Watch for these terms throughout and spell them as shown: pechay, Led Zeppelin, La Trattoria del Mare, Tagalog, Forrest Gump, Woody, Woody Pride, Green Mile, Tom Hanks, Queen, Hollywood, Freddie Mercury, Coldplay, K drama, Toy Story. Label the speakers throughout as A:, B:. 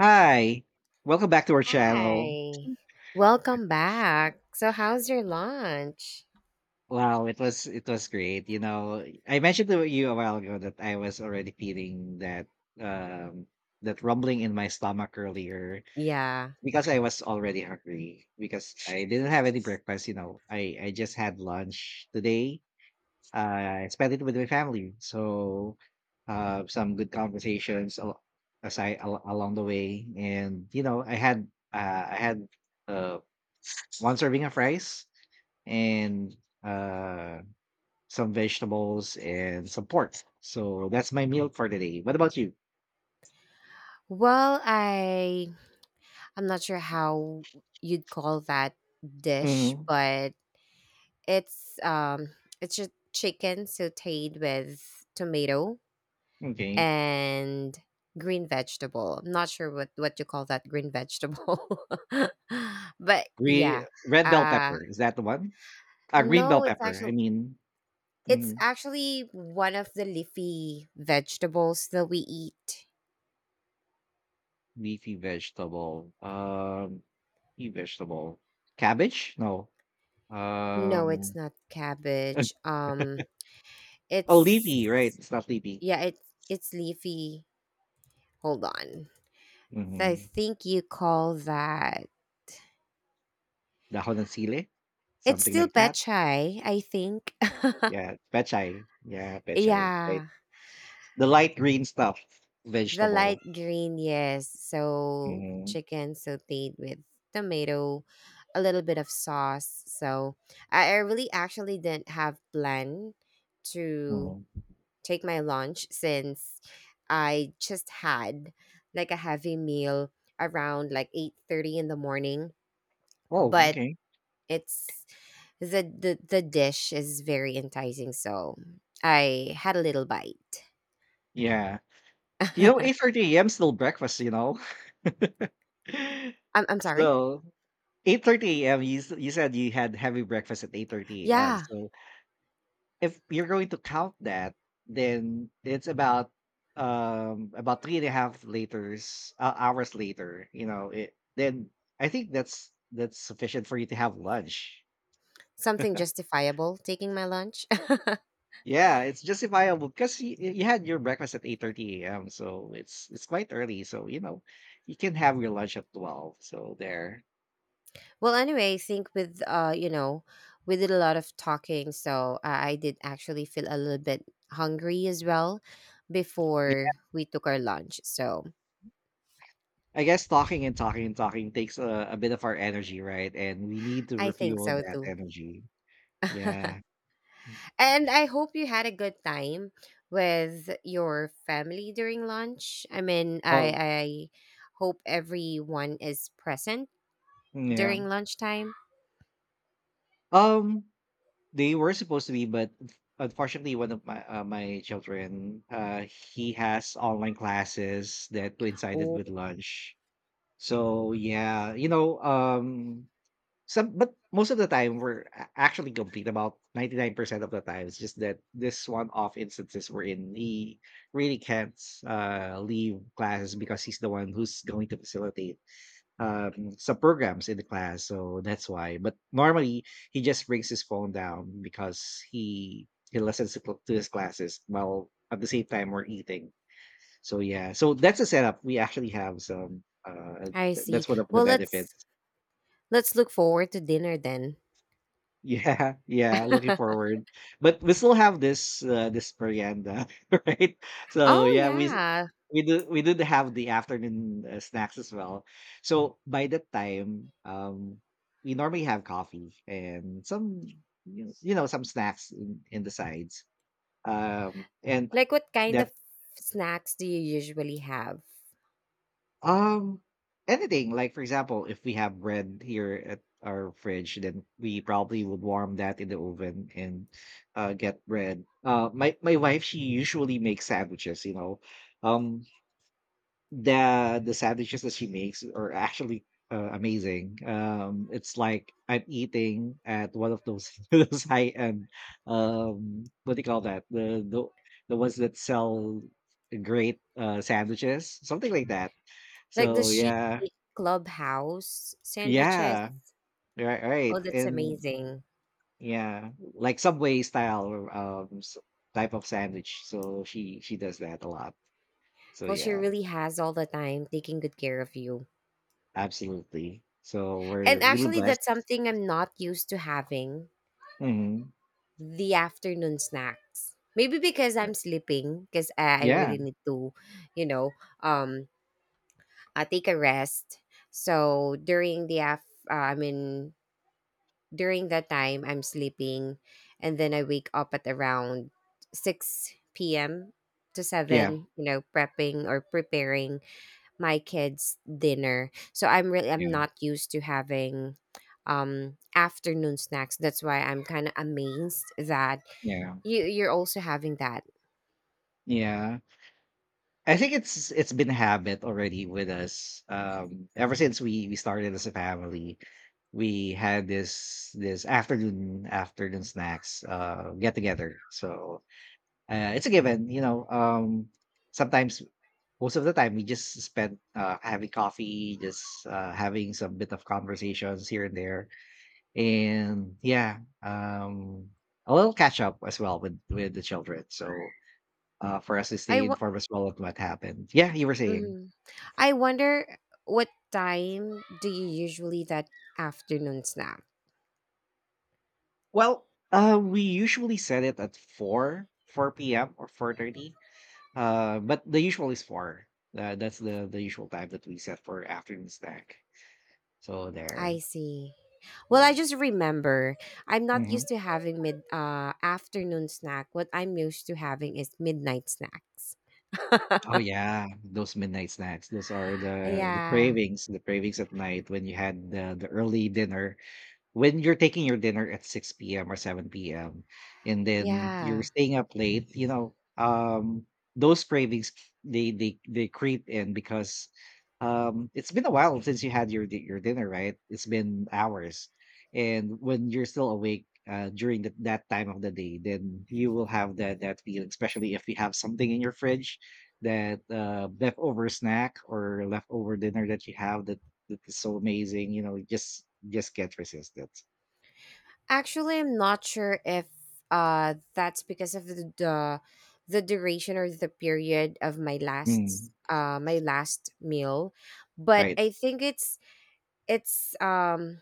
A: Hi. Welcome back to our channel.
B: Hi. Welcome back. So how's your lunch?
A: Wow, it was great. You know, I mentioned to you a while ago that I was already feeling that um that rumbling in my stomach earlier
B: Yeah.
A: because I was already hungry because I didn't have any breakfast, you know. I just had lunch today. I spent it with my family. So, some good conversations aside along the way, and you know, I had uh one serving of rice and uh some vegetables and some pork. So that's my meal for today. What about you?
B: Well, I'm not sure how you'd call that dish,
A: Mm,
B: but it's it's just chicken sautéed with tomato
A: okay.
B: and green vegetable. I'm not sure what you call that green vegetable. But
A: Green,
B: yeah.
A: red bell
B: Uh
A: pepper. Is that the one? Green bell
B: no, it's
A: pepper. I
B: actually
A: mean,
B: it's
A: mm,
B: actually one of the leafy vegetables that we eat.
A: leafy vegetable. Leafy vegetable. Cabbage? No.
B: No, it's
A: Um,
B: not cabbage.
A: oh, leafy, right.
B: It's
A: It's not leafy.
B: yeah, it's it's leafy. Hold on. I
A: Mm-hmm.
B: think you call that.
A: Dahon ng sile?
B: It's
A: Something
B: still
A: like that.
B: pechay, I think.
A: Yeah. Pechay. Yeah, pechay. Right.
B: Yeah,
A: The light green stuff,
B: the
A: vegetable.
B: light green. Yes, so
A: Mhm,
B: chicken sautéed with tomato, a little bit of sauce. So I really actually didn't have plan to
A: mhm.
B: take my lunch since I just had like a heavy meal around like 8:30 in the morning,
A: Oh,
B: but
A: okay.
B: it's the dish is very enticing, so I had a little bite.
A: Yeah. You know,
B: I'm
A: 8:30 a.m., still breakfast, you know?
B: I'm sorry.
A: So, 8:30 a.m., you said you had heavy breakfast at 8:30 a.m.
B: Yeah,
A: So, if you're going to count that, then it's about 3 and a half liters hours later, you know, it then I think that's sufficient for you to have lunch.
B: something justifiable taking my lunch.
A: Yeah, it's justifiable because you had your breakfast at 8:30 a.m. So it's quite early. So you know, you can have your lunch at 12. So there.
B: Well, anyway, I think with we did a lot of talking, so I did actually feel a little bit hungry as well
A: Yeah,
B: before we took our lunch. So
A: I guess talking and talking and talking takes a bit of our energy, right? And we need to
B: I think
A: refuel
B: so
A: that
B: too.
A: energy. Yeah.
B: And I hope you had a good time with your family during lunch. I mean, I
A: Oh,
B: I hope everyone is present
A: yeah.
B: during lunchtime.
A: Um, they were supposed to be, but unfortunately, one of my my children, he has online classes that coincided
B: Oh,
A: with lunch. So yeah, you know, some but most of the time we're a actually complete about 99% of the time. It's just that this one-off instances wherein he really can't, leave classes because he's the one who's going to facilitate, some programs in the class, so that's why. But normally, he just brings his phone down because he listens to cl to his classes while at the same time we're eating. So yeah, so that's the setup. We actually have some,
B: I
A: th
B: see.
A: that's one of the
B: Well,
A: benefits.
B: let's look forward to dinner then.
A: Yeah, yeah, looking forward. But we still have this this merienda, right? So
B: Oh
A: yeah,
B: yeah.
A: we do we did have the afternoon snacks as well. So by that time, we normally have coffee and some you know, some snacks in the sides. And
B: Like what kind of
A: that's
B: snacks do you usually have?
A: um, anything like for example, if we have bread here at our fridge, then we probably would warm that in the oven and get bread. My wife, she usually makes sandwiches. You know, um, the sandwiches that she makes are actually amazing. It's like I'm eating at one of those those high end what do you call that the the ones that sell great sandwiches, something like that.
B: Like
A: So
B: does she
A: yeah,
B: eat clubhouse sandwiches?
A: yeah, right,
B: Oh,
A: right,
B: that's
A: and
B: amazing.
A: yeah, like Subway style type of sandwich. So she does that a lot. So
B: Well, she
A: yeah,
B: really has all the time taking good care of you.
A: absolutely. So we're
B: And
A: really
B: actually,
A: blessed.
B: that's something I'm not used to having
A: Hmm.
B: the afternoon snacks. Maybe because I'm sleeping, because I
A: Yeah,
B: really need to, you know, um, take a rest. So I mean, during that time, I'm sleeping, and then I wake up at around six p.m. to
A: yeah,
B: seven, you know, prepping or preparing my kids dinner. So I'm really I'm
A: yeah,
B: not used to having afternoon snacks, that's why I'm kind of amazed that
A: yeah,
B: you're also having that.
A: yeah. I think it's been a habit already with us. Ever since we started as a family, we had this afternoon snacks get together. So uh, it's a given, you know. Sometimes, most of the time, we just spend having coffee, just having some bit of conversations here and there, and yeah, a little catch up as well with the children. So for us to
B: i
A: stay
B: wa-
A: informed as well of what happened. Yeah, you were saying.
B: mhm. I wonder what time do you usually that afternoon snack.
A: Well, we usually set it at four p.m. or 4:30. But the usual is four. That's the usual time that we set for afternoon snack. So
B: I
A: there.
B: see. Well, I
A: Yeah.
B: just remember I'm not used
A: Mhm.
B: to having mid afternoon snack. What I'm used to having is midnight snacks.
A: Oh yeah, those midnight snacks. Those are
B: Yeah.
A: the cravings at night, when you had the early dinner, when you're taking your dinner at 6 p.m. or 7 p.m. and then you're
B: Yeah.
A: staying up late, you know, those cravings they they creep in because it's been a while since you had your your dinner, right? It's been hours, and when you're still awake during that time of the day, then you will have that feeling, especially if you have something in your fridge, that leftover snack or leftover dinner that you have, that is so amazing, you know, just can't resist it.
B: Actually, I'm not sure if that's because of the duration or the period of
A: Mm,
B: my last meal, but
A: right.
B: I think it's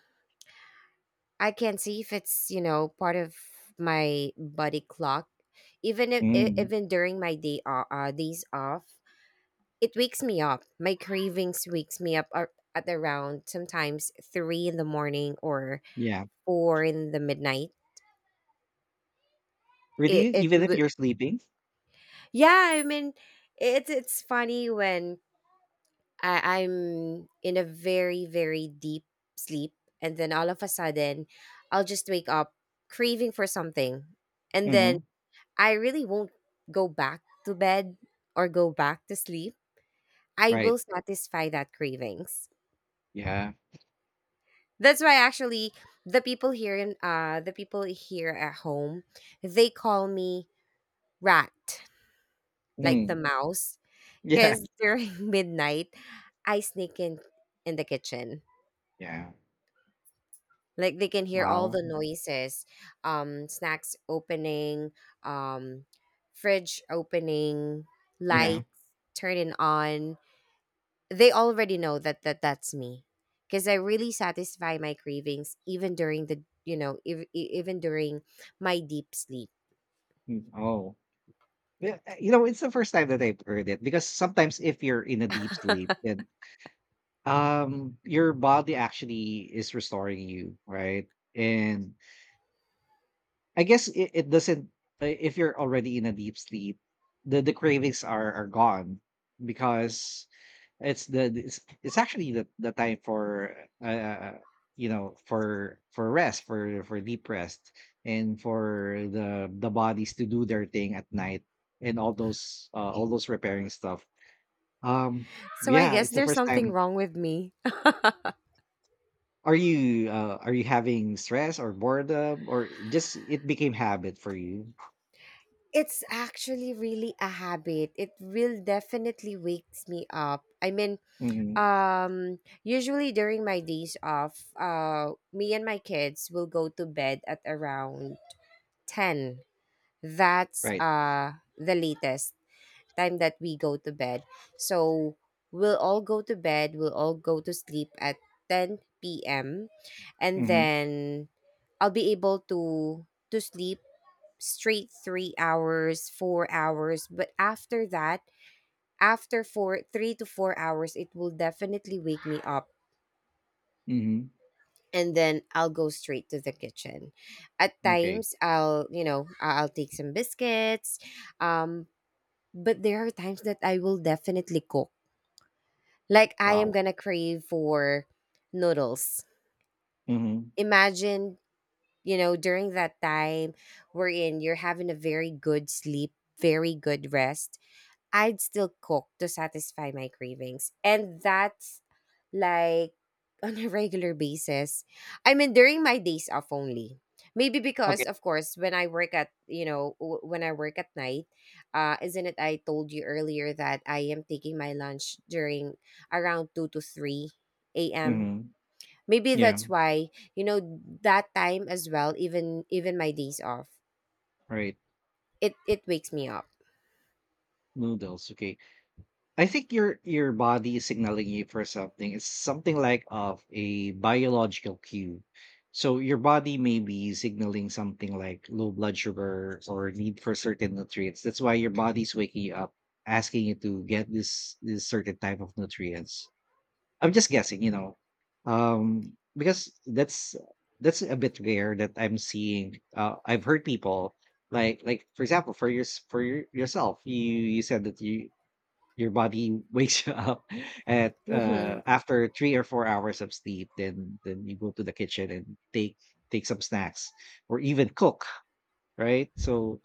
B: I can see if it's, you know, part of my body clock even if e-
A: Mm,
B: even during my days off. It wakes me up. My cravings wakes me up at around sometimes three in the morning or
A: yeah.
B: four in the midnight. It
A: Really,
B: it
A: even if
B: w-
A: you're sleeping.
B: yeah. I mean, it's funny when I'm in a very very deep sleep, and then all of a sudden, I'll just wake up craving for something, and then
A: Mm.
B: I really won't go back to bed or go back to sleep. I will
A: Right.
B: satisfy that cravings.
A: Yeah.
B: That's why actually the people here at home, they call me rat, like
A: Mm,
B: the mouse,
A: yeah.
B: cuz during midnight I sneak in the kitchen.
A: Yeah.
B: Like they can hear all
A: Wow.
B: the noises, um, snacks opening, um, fridge opening,
A: Yeah.
B: lights turning on. They already know that that's me because I really satisfy my cravings even during the you know even during my deep sleep.
A: Mm. Oh. Yeah, you know, it's the first time that I've heard it, because sometimes if you're in a deep sleep, then your body actually is restoring you, right? And I guess it doesn't. If you're already in a deep sleep, the cravings are gone because it's actually the time for uh uh, you know, for rest, for deep rest, and for the bodies to do their thing at night, and all those repairing stuff. Um,
B: So I
A: yeah,
B: guess
A: it's the
B: there's
A: first
B: something
A: time.
B: wrong with me.
A: Are you having stress or boredom, or just it became habit for you?
B: It's actually really a habit, it will definitely wakes me up. I mean,
A: Hmm.
B: um, usually during my days off, me and my kids will go to bed at around 10. That's
A: Right.
B: the latest time that we go to bed, so we'll all go to sleep at 10 p.m, and
A: Mhm.
B: then I'll be able to sleep straight 3 hours, 4 hours, but after that, after four three to 4 hours it will definitely wake me up,
A: Mhm.
B: and then I'll go straight to the kitchen. At
A: Okay.
B: times I'll you know I- I'll take some biscuits, um, but there are times that I will definitely cook. Like I am
A: Wow.
B: gonna crave for noodles.
A: Mhm.
B: Imagine, you know, during that time wherein you're having a very good sleep, very good rest. I'd still cook to satisfy my cravings. And that's like on a regular basis. I mean, during my days off only. Maybe
A: Okay.
B: because, of course, when I work at, you know, when I work at night, isn't it? I told you earlier that I am taking my lunch during around 2 to 3 a.m.
A: Mhm.
B: Maybe
A: Yeah.
B: that's why, you know, that time as well, even even my days off,
A: Right.
B: it wakes me up.
A: Noodles. Okay. I think your body is signaling you for something. It's something like of a biological cue. So your body may be signaling something like low blood sugar or need for certain nutrients. That's why your body's waking you up, asking you to get this certain type of nutrients. I'm just guessing, you know, because that's a bit rare that I'm seeing. I've heard people like for example, for your, yourself, you said that you your body wakes you up at
B: Mm-hmm.
A: after 3 or 4 hours of sleep. Then you go to the kitchen and take take some snacks or even cook, right? So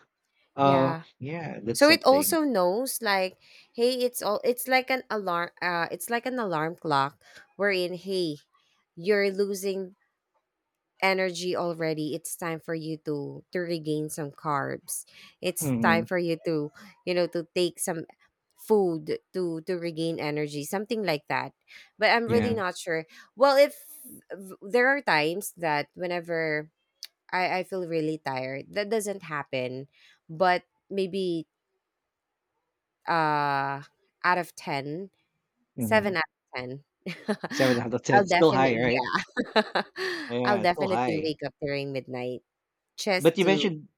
A: uh,
B: Yeah.
A: yeah, that's
B: So it
A: something.
B: also knows like, hey, it's like an alarm it's like an alarm clock wherein hey, you're losing energy already, it's time for you to regain some carbs, it's time
A: Hmm.
B: for you to you know to take some food to regain energy, something like that, but I'm really
A: Yeah,
B: not sure. Well, if there are times that whenever i feel really tired that doesn't happen, but maybe, uh, out of 10, 7
A: hmm,
B: out of 10
A: seven out of ten,
B: I'll
A: still high,
B: definitely
A: right?
B: yeah. I'll
A: Yeah, still
B: definitely
A: high.
B: wake up during midnight just
A: But you
B: to.
A: mentioned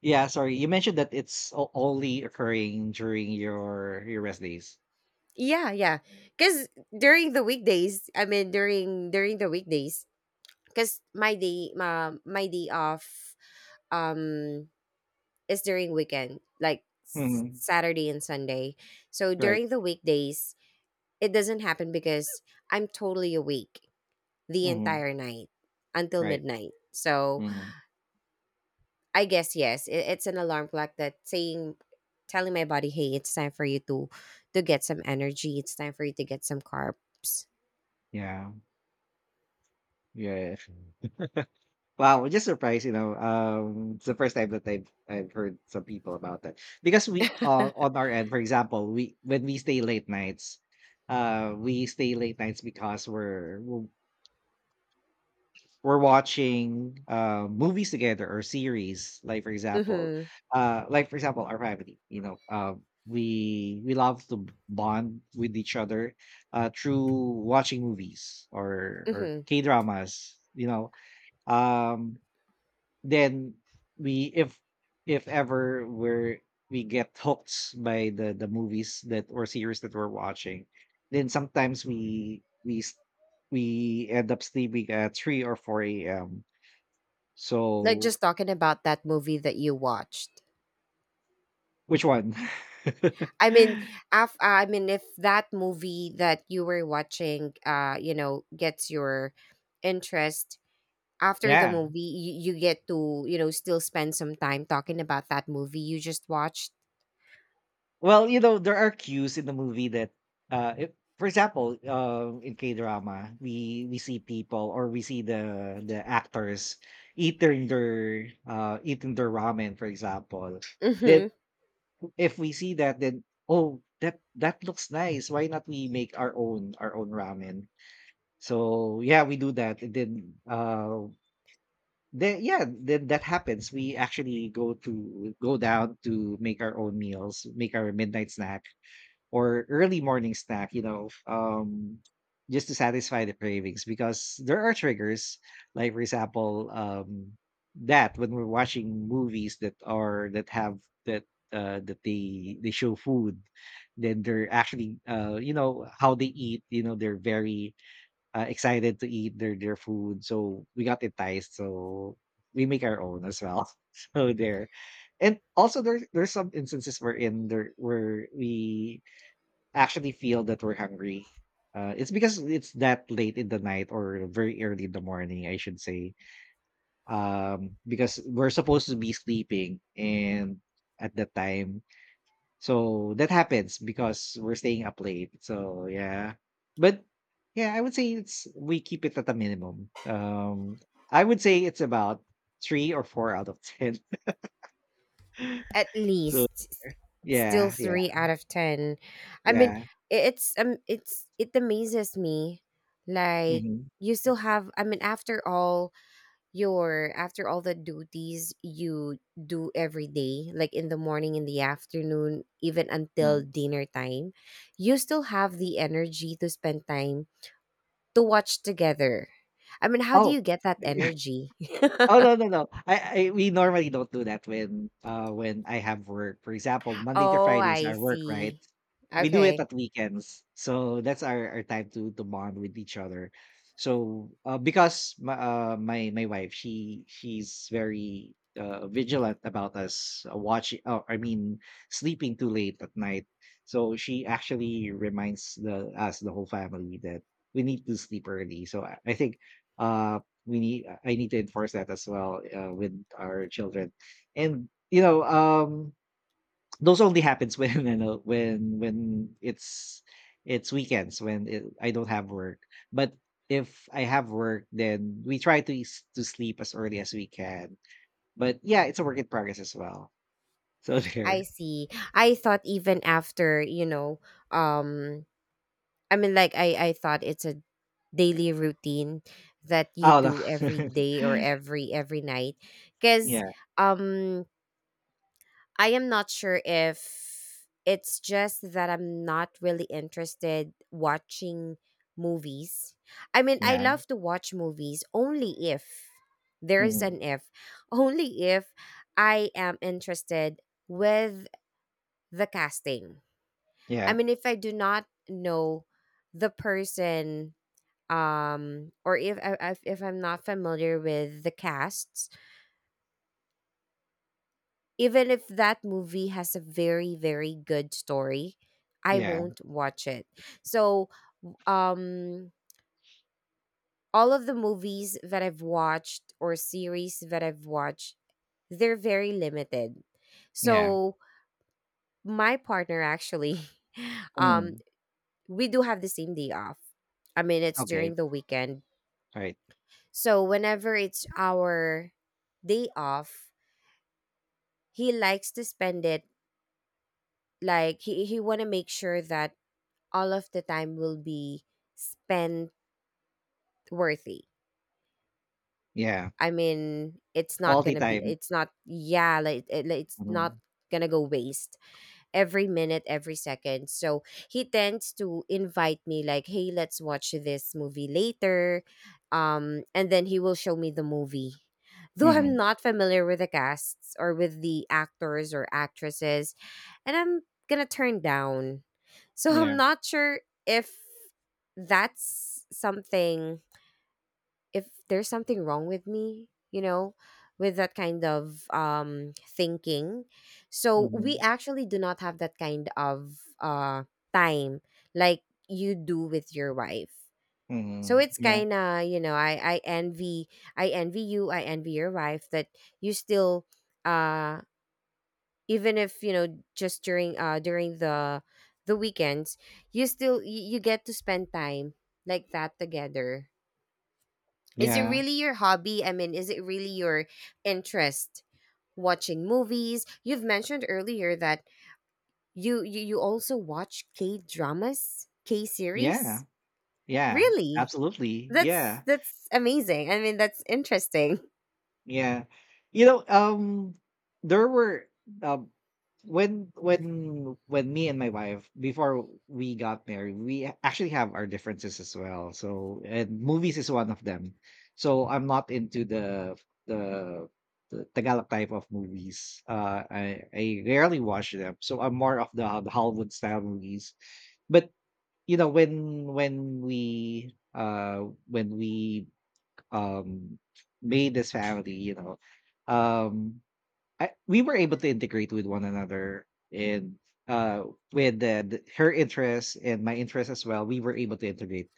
A: yeah, sorry. You mentioned that it's only occurring during your rest days.
B: Yeah, yeah. Cause during the weekdays, I mean during the weekdays, cause my day off, um, is during weekend, like
A: Mhm.
B: Saturday and Sunday. So
A: Right.
B: during the weekdays, it doesn't happen because I'm totally awake the
A: Mhm.
B: entire night until
A: Right.
B: midnight. So
A: Mhm.
B: I guess yes, it's an alarm clock that saying telling my body, hey, it's time for you to get some energy. It's time for you to get some carbs.
A: Yeah. Yeah. Wow, I'm just surprised, you know. Um, it's the first time that I've heard some people about that. Because we on our end, for example, we when we stay late nights, we stay late nights because we're watching movies together or series,
B: Mhm.
A: like for example our family, you know we love to bond with each other, uh, through watching movies or
B: Mhm.
A: k dramas, you know um, then we if ever we get hooked by the movies that or series that we're watching, then sometimes we end up sleeping at 3 or 4 a.m,
B: Like
A: so,
B: just talking about that movie that you watched.
A: which one?
B: I mean, I mean if that movie that you were watching you know gets your interest, after the
A: yeah.
B: movie you get to, you know, still spend some time talking about that movie you just watched.
A: Well, you know, there are cues in the movie that, if, for example, in K drama, we see people or we see the actors eating their ramen, for example. Then
B: Mhm.
A: if we see that, then oh, that that looks nice. Why not we make our own ramen? So yeah, we do that. And then uh, then yeah, then that happens. We actually go to go down to make our own meals, make our midnight snack or early morning snack, you know, just to satisfy the cravings because there are triggers, like for example, that when we're watching movies that have that that they show food, then they're actually you know how they eat, you know, they're very excited to eat their food. So we got enticed. So we make our own as well. So there, and also there there's some instances where in there where we actually feel that we're hungry. It's because it's that late in the night or very early in the morning, I should say. Because we're supposed to be sleeping, and at that time, so that happens because we're staying up late. So yeah. But yeah, I would say it's we keep it at a minimum. Um, I would say it's about three or four out of ten.
B: At
A: So
B: least still
A: yeah, yeah,
B: 3 out of 10. I mean,
A: yeah.
B: it's it's it amazes me like
A: Hmm.
B: you still have, I mean, after all your after all the duties you do every day like in the morning, in the afternoon, even until dinner time, you still have the energy to spend time to watch together. I mean, how do
A: Oh,
B: you get that energy?
A: oh no, no, no. I we normally don't do that when I have work. For example, Monday to
B: Oh
A: Fridays
B: I
A: our work, right?
B: see.
A: We do it
B: Okay.
A: at weekends. So that's our time to bond with each other. So because my my wife, she's very vigilant about us, watching oh, I mean sleeping too late at night. So she actually reminds the us, the whole family, that we need to sleep early. So I think uh we need I need to enforce that as well, with our children. And those only happens when it's weekends, when I don't have work. But if I have work, then we try to to sleep as early as we can. But yeah, it's a work in progress as well, so
B: I
A: there.
B: see, I thought even after you know, um, I mean, like I thought it's a daily routine that you
A: Oh no.
B: do every day or every night, because,
A: Yeah,
B: um, I am not sure if it's just that I'm not really interested watching movies. I mean, I
A: yeah.
B: love to watch movies only if there is
A: Mhm,
B: an if, only if I am interested with the casting. I
A: yeah,
B: mean, if I do not know the person, um, or if I'm not familiar with the casts, even if that movie has a very very good story I
A: yeah,
B: won't watch it, so, um, all of the movies that I've watched or series that I've watched they're very limited.
A: yeah.
B: So my partner actually um
A: Mm.
B: we do have the same day off, I mean it's
A: Okay.
B: during the weekend,
A: Right.
B: so whenever it's our day off he likes to spend it like he want to make sure that all of the time will be spent worthy.
A: Yeah.
B: I mean it's not
A: Quality
B: gonna be
A: time.
B: it's not yeah like, it, like it's
A: Hmm.
B: not gonna go waste every minute, every second. So he tends to invite me like, "Hey, let's watch this movie later." Um, and then he will show me the movie. Though I'm
A: Hmm.
B: not familiar with the casts or with the actors or actresses, and I'm going to turn down. So
A: Yeah.
B: I'm not sure if that's something if there's something wrong with me, you know, with that kind of thinking. So we
A: Mhm,
B: actually do not have that kind of time like you do with your wife. So
A: mhm.
B: it's
A: Yeah,
B: kind of, you know, I envy you, I envy your wife that you still, uh, even if, you know, just during, during the weekends, you still, you get to spend time like that together. Is it
A: yeah,
B: really your hobby? I mean, is it really your interest? Watching movies. You've mentioned earlier that you also watch K dramas, K
A: yeah,
B: series.
A: yeah,
B: Really?
A: absolutely, yeah,
B: That's amazing. I mean, that's interesting.
A: yeah. You know, there were um, when me and my wife, before we got married, we actually have our differences as well. So, and movies is one of them. So I'm not into the the the Tagalog type of movies. I rarely watch them. So I'm more of the Hollywood style movies. But when we um made this family. Um we were able to integrate with one another, and uh with the, her interests and my interests as well, we were able to integrate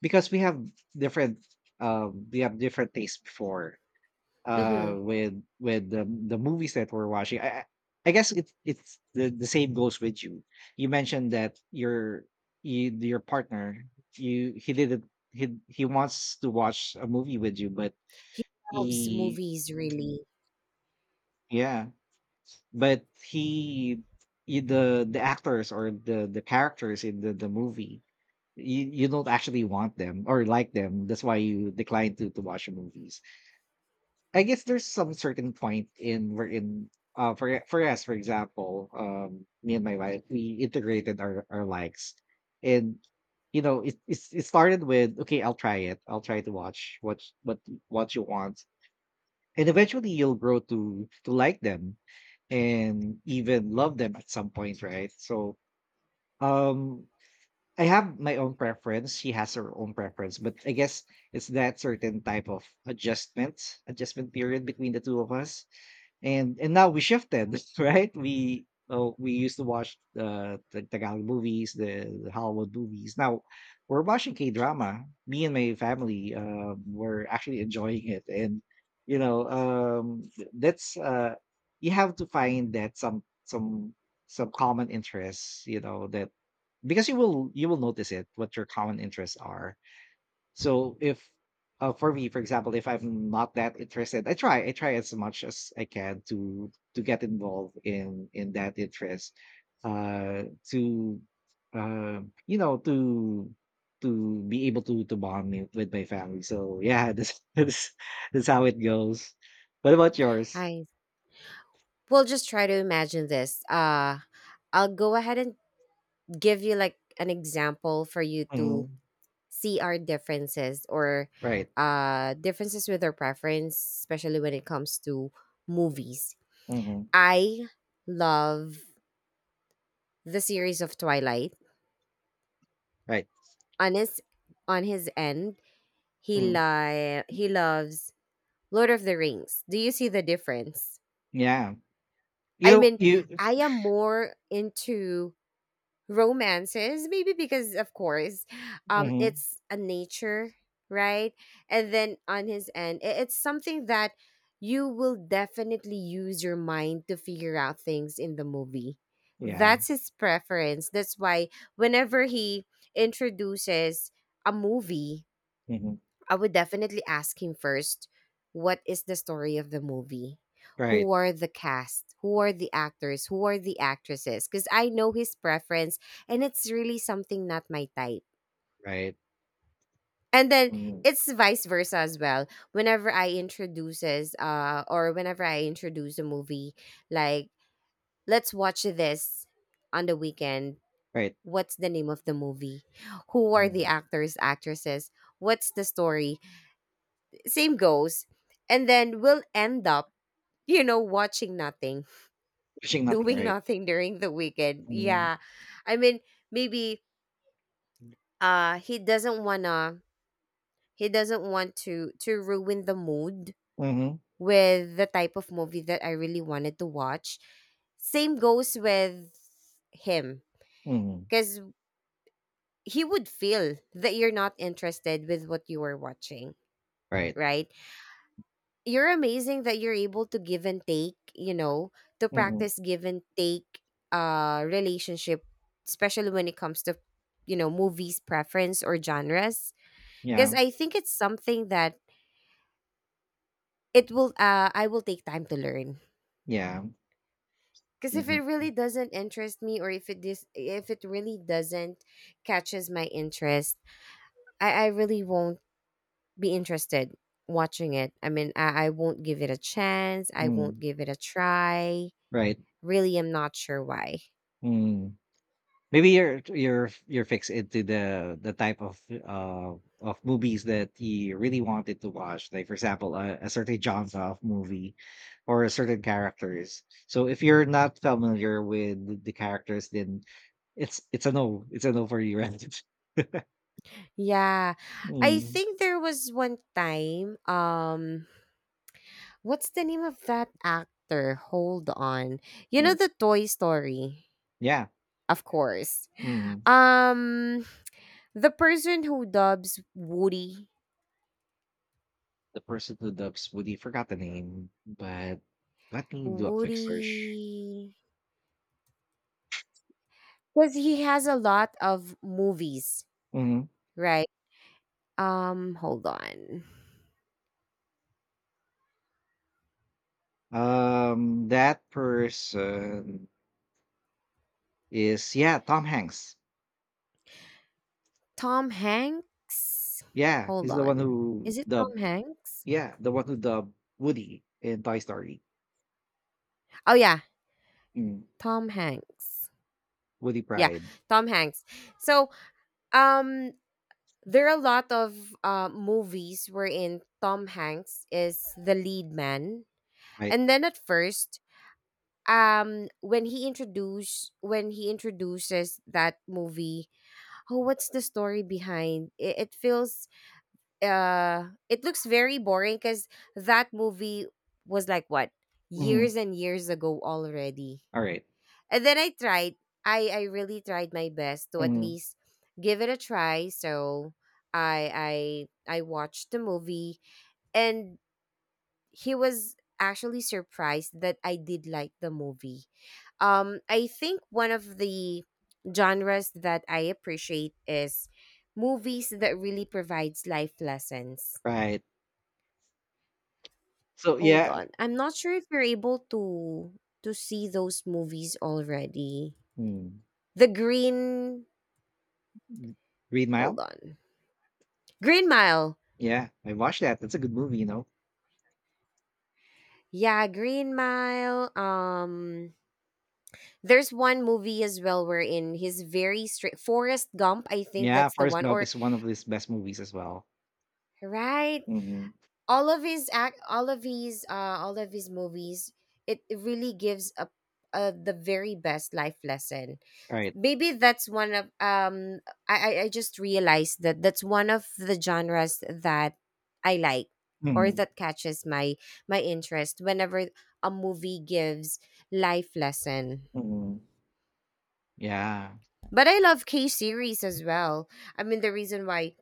A: because we have different, tastes before.
B: Hmm.
A: With the movies that we're watching, I guess it's the same goes with you. You mentioned that your partner, you, he didn't, he wants to watch a movie with you, but
B: He loves
A: he,
B: movies, really.
A: yeah, but he the actors or the characters in the movie, you don't actually want them or like them, that's why you decline to watch the movies. I guess there's some certain point in we're in, for us. For example, me and my wife, we integrated our likes. And it started with, okay, I'll try it. I'll try to watch what you want. And eventually you'll grow to like them, and even love them at some point, right? So um I have my own preference. She has her own preference, but I guess it's that certain type of adjustment, period between the two of us. And now we shifted. Right, we used to watch, the Tagalog movies, the Hollywood movies. Now we're watching K drama. Me and my family were actually enjoying it. And you know th- That's you have to find that some, some common interests, that, because you will, you will notice it, what your common interests are. So if, for me, for example, if I'm not that interested, I try as much as I can to get involved in that interest, uh, to uh, you know to to be able to bond it with my family. So yeah, this, this how it goes. What about yours?
B: I well, just try to imagine this. I'll go ahead and give you like an example for you to
A: Mhm.
B: see our differences or
A: Right.
B: differences with our preference, especially when it comes to movies.
A: Hmm.
B: I love the series of Twilight.
A: Right.
B: On his on his end,
A: Hmm.
B: he loves Lord of the Rings. Do you see the difference?
A: Yeah. You
B: I
A: know
B: mean,
A: you.
B: I am more into romances, maybe because, of course,
A: Hmm.
B: it's a nature, right? And then on his end, it's something that you will definitely use your mind to figure out things in the movie.
A: Yeah.
B: That's his preference. That's why whenever he introduces a movie,
A: Hmm.
B: I would definitely ask him first, what is the story of the movie?
A: Right.
B: Who are the cast? Who are the actors? Who are the actresses? Because I know his preference, and it's really something not my type.
A: Right.
B: And then
A: Hmm.
B: it's vice versa as well. Whenever I introduces or whenever I introduce a movie, like, let's watch this on the weekend.
A: Right.
B: What's the name of the movie? Who are the
A: Hmm.
B: actors, actresses? What's the story? Same goes. And then we'll end up, you know, watching nothing,
A: Wishing nothing,
B: doing
A: right?
B: nothing during the weekend.
A: Mm.
B: Yeah. I mean, maybe uh he doesn't wanna he doesn't want to ruin the mood
A: Mhm,
B: with the type of movie that I really wanted to watch. Same goes with him,
A: mhm.
B: because he would feel that you're not interested with what you are watching,
A: Right.
B: right? You're amazing that you're able to give and take, you know, to
A: Mhm.
B: practice give and take relationship, especially when it comes to, you know, movies preference or genres. Because
A: Yeah,
B: I think it's something that it will I will take time to learn.
A: yeah.
B: Because if
A: Mhm.
B: it really doesn't interest me, or if it really doesn't catches my interest, I really won't be interested watching it. I mean, I won't give it a chance. I won't
A: Mm.
B: give it a try.
A: Right.
B: Really, I'm not sure why.
A: Mm. Maybe you're fixed into the type of movies that you really wanted to watch. Like, for example, a certain genre of movie or a certain characters. So if you're not familiar with the characters, then it's a no. It's a no for you, right?
B: Yeah. I
A: Mm.
B: think there was one time. What's the name of that actor? Hold on. You know
A: Mm.
B: the Toy Story,
A: Yeah.
B: of course.
A: Mm.
B: Um, the person who dubs Woody.
A: The person who dubs Woody, forgot the name, but let me do a quick search.
B: Woody. Because he has a lot of movies,
A: Mhm.
B: right? Hold on.
A: That person is, yeah, Tom Hanks.
B: Tom Hanks?
A: Yeah,
B: Hold
A: he's the one
B: on.
A: who
B: Is it
A: dubbed.
B: Tom Hanks?
A: Yeah, the one who dubbed Woody in Toy Story.
B: Oh yeah,
A: Mm.
B: Tom Hanks.
A: Woody
B: Yeah,
A: Pride,
B: Tom Hanks. So, um, there are a lot of movies wherein Tom Hanks is the lead man.
A: right?
B: And then at first, when he introduces that movie, oh, what's the story behind? It feels it looks very boring because that movie was, like, what,
A: Hmm.
B: years and years ago already.
A: All right.
B: And then I tried, I really tried my best to at
A: Mhm.
B: least give it a try. So i I watched the movie, and he was actually surprised that I did like the movie. Um, I think one of the genres that I appreciate is movies that really provides life lessons.
A: Right. So
B: Hold
A: yeah,
B: on. I'm not sure if you're able to see those movies already.
A: mm.
B: The Green.
A: Green Mile.
B: Hold on. Green Mile.
A: Yeah, I watched that. That's a good movie, you know.
B: Yeah, Green Mile. Um, there's one movie as well wherein he's very straight, Forrest Gump, I think
A: Yeah,
B: that's the
A: Forrest
B: one,
A: Gump
B: or
A: is one of his best movies as well.
B: right.
A: Hmm.
B: All of his movies, it really gives a the very best life lesson.
A: Right.
B: Maybe that's one of, um, I just realized that that's one of the genres that I like, or
A: Mhm.
B: that catches my my interest whenever a movie gives life lesson.
A: Mhm. Yeah.
B: But I love K series as well. I mean, the reason why,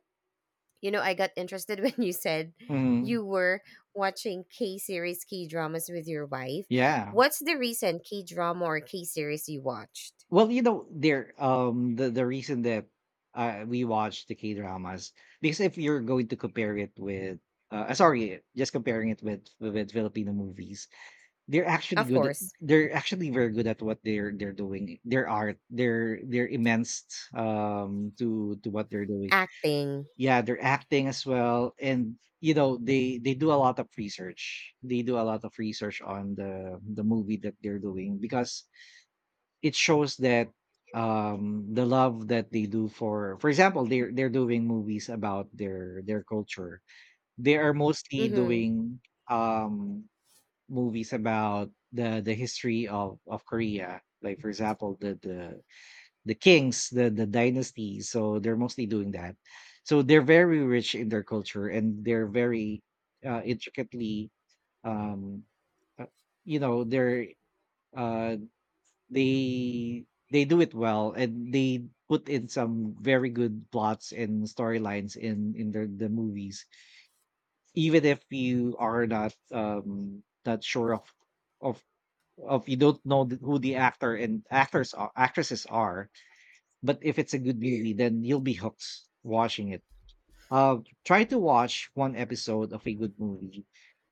B: you know, I got interested when you said
A: Mhm.
B: you were watching K series, K dramas with your wife.
A: Yeah.
B: What's the recent K drama or K series you watched?
A: Well, the the reason that, we watch the K dramas, because if you're going to compare it with, sorry, just comparing it with Filipino movies, they're actually
B: Of
A: good. At,
B: course.
A: they're actually very good at what they're doing. Their art, they're immense, to what they're doing.
B: Acting.
A: Yeah, they're acting as well. And they do a lot of research, on the movie that they're doing, because it shows that, the love that they do. For, for example, they're doing movies about their culture. They are mostly
B: Mhm.
A: doing, um movies about the history of Korea, like, for example, the, the kings, the dynasties. So they're mostly doing that. So they're very rich in their culture, and they're very, intricately, um, uh, you know, they're uh, they they do it well, and they put in some very good plots and storylines in their the movies, even if you are not sure of of you don't know who the actor and actors are, actresses are. But if it's a good movie, then you'll be hooked watching it. Uh, Try to watch one episode of a good movie,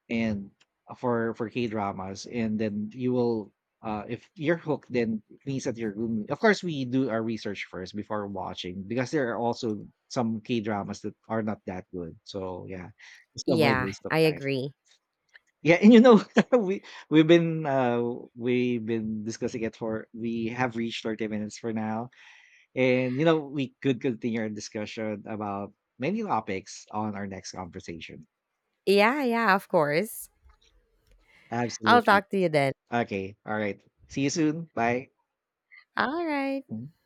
A: and for K dramas, and then you will. If you're hooked, then please at your room. Of course, we do our research first before watching, because there are also some K dramas that are not that good. So yeah, just avoid
B: Yeah,
A: waste of
B: I
A: time.
B: agree.
A: Yeah, and we we've been uh we've been discussing it for we have reached 30 minutes for now. And we could continue our discussion about many topics on our next conversation.
B: Yeah, yeah, of course. I'll
A: Absolutely.
B: talk to you then.
A: Okay. All right. See you soon. Bye.
B: All right.
A: Mm-hmm.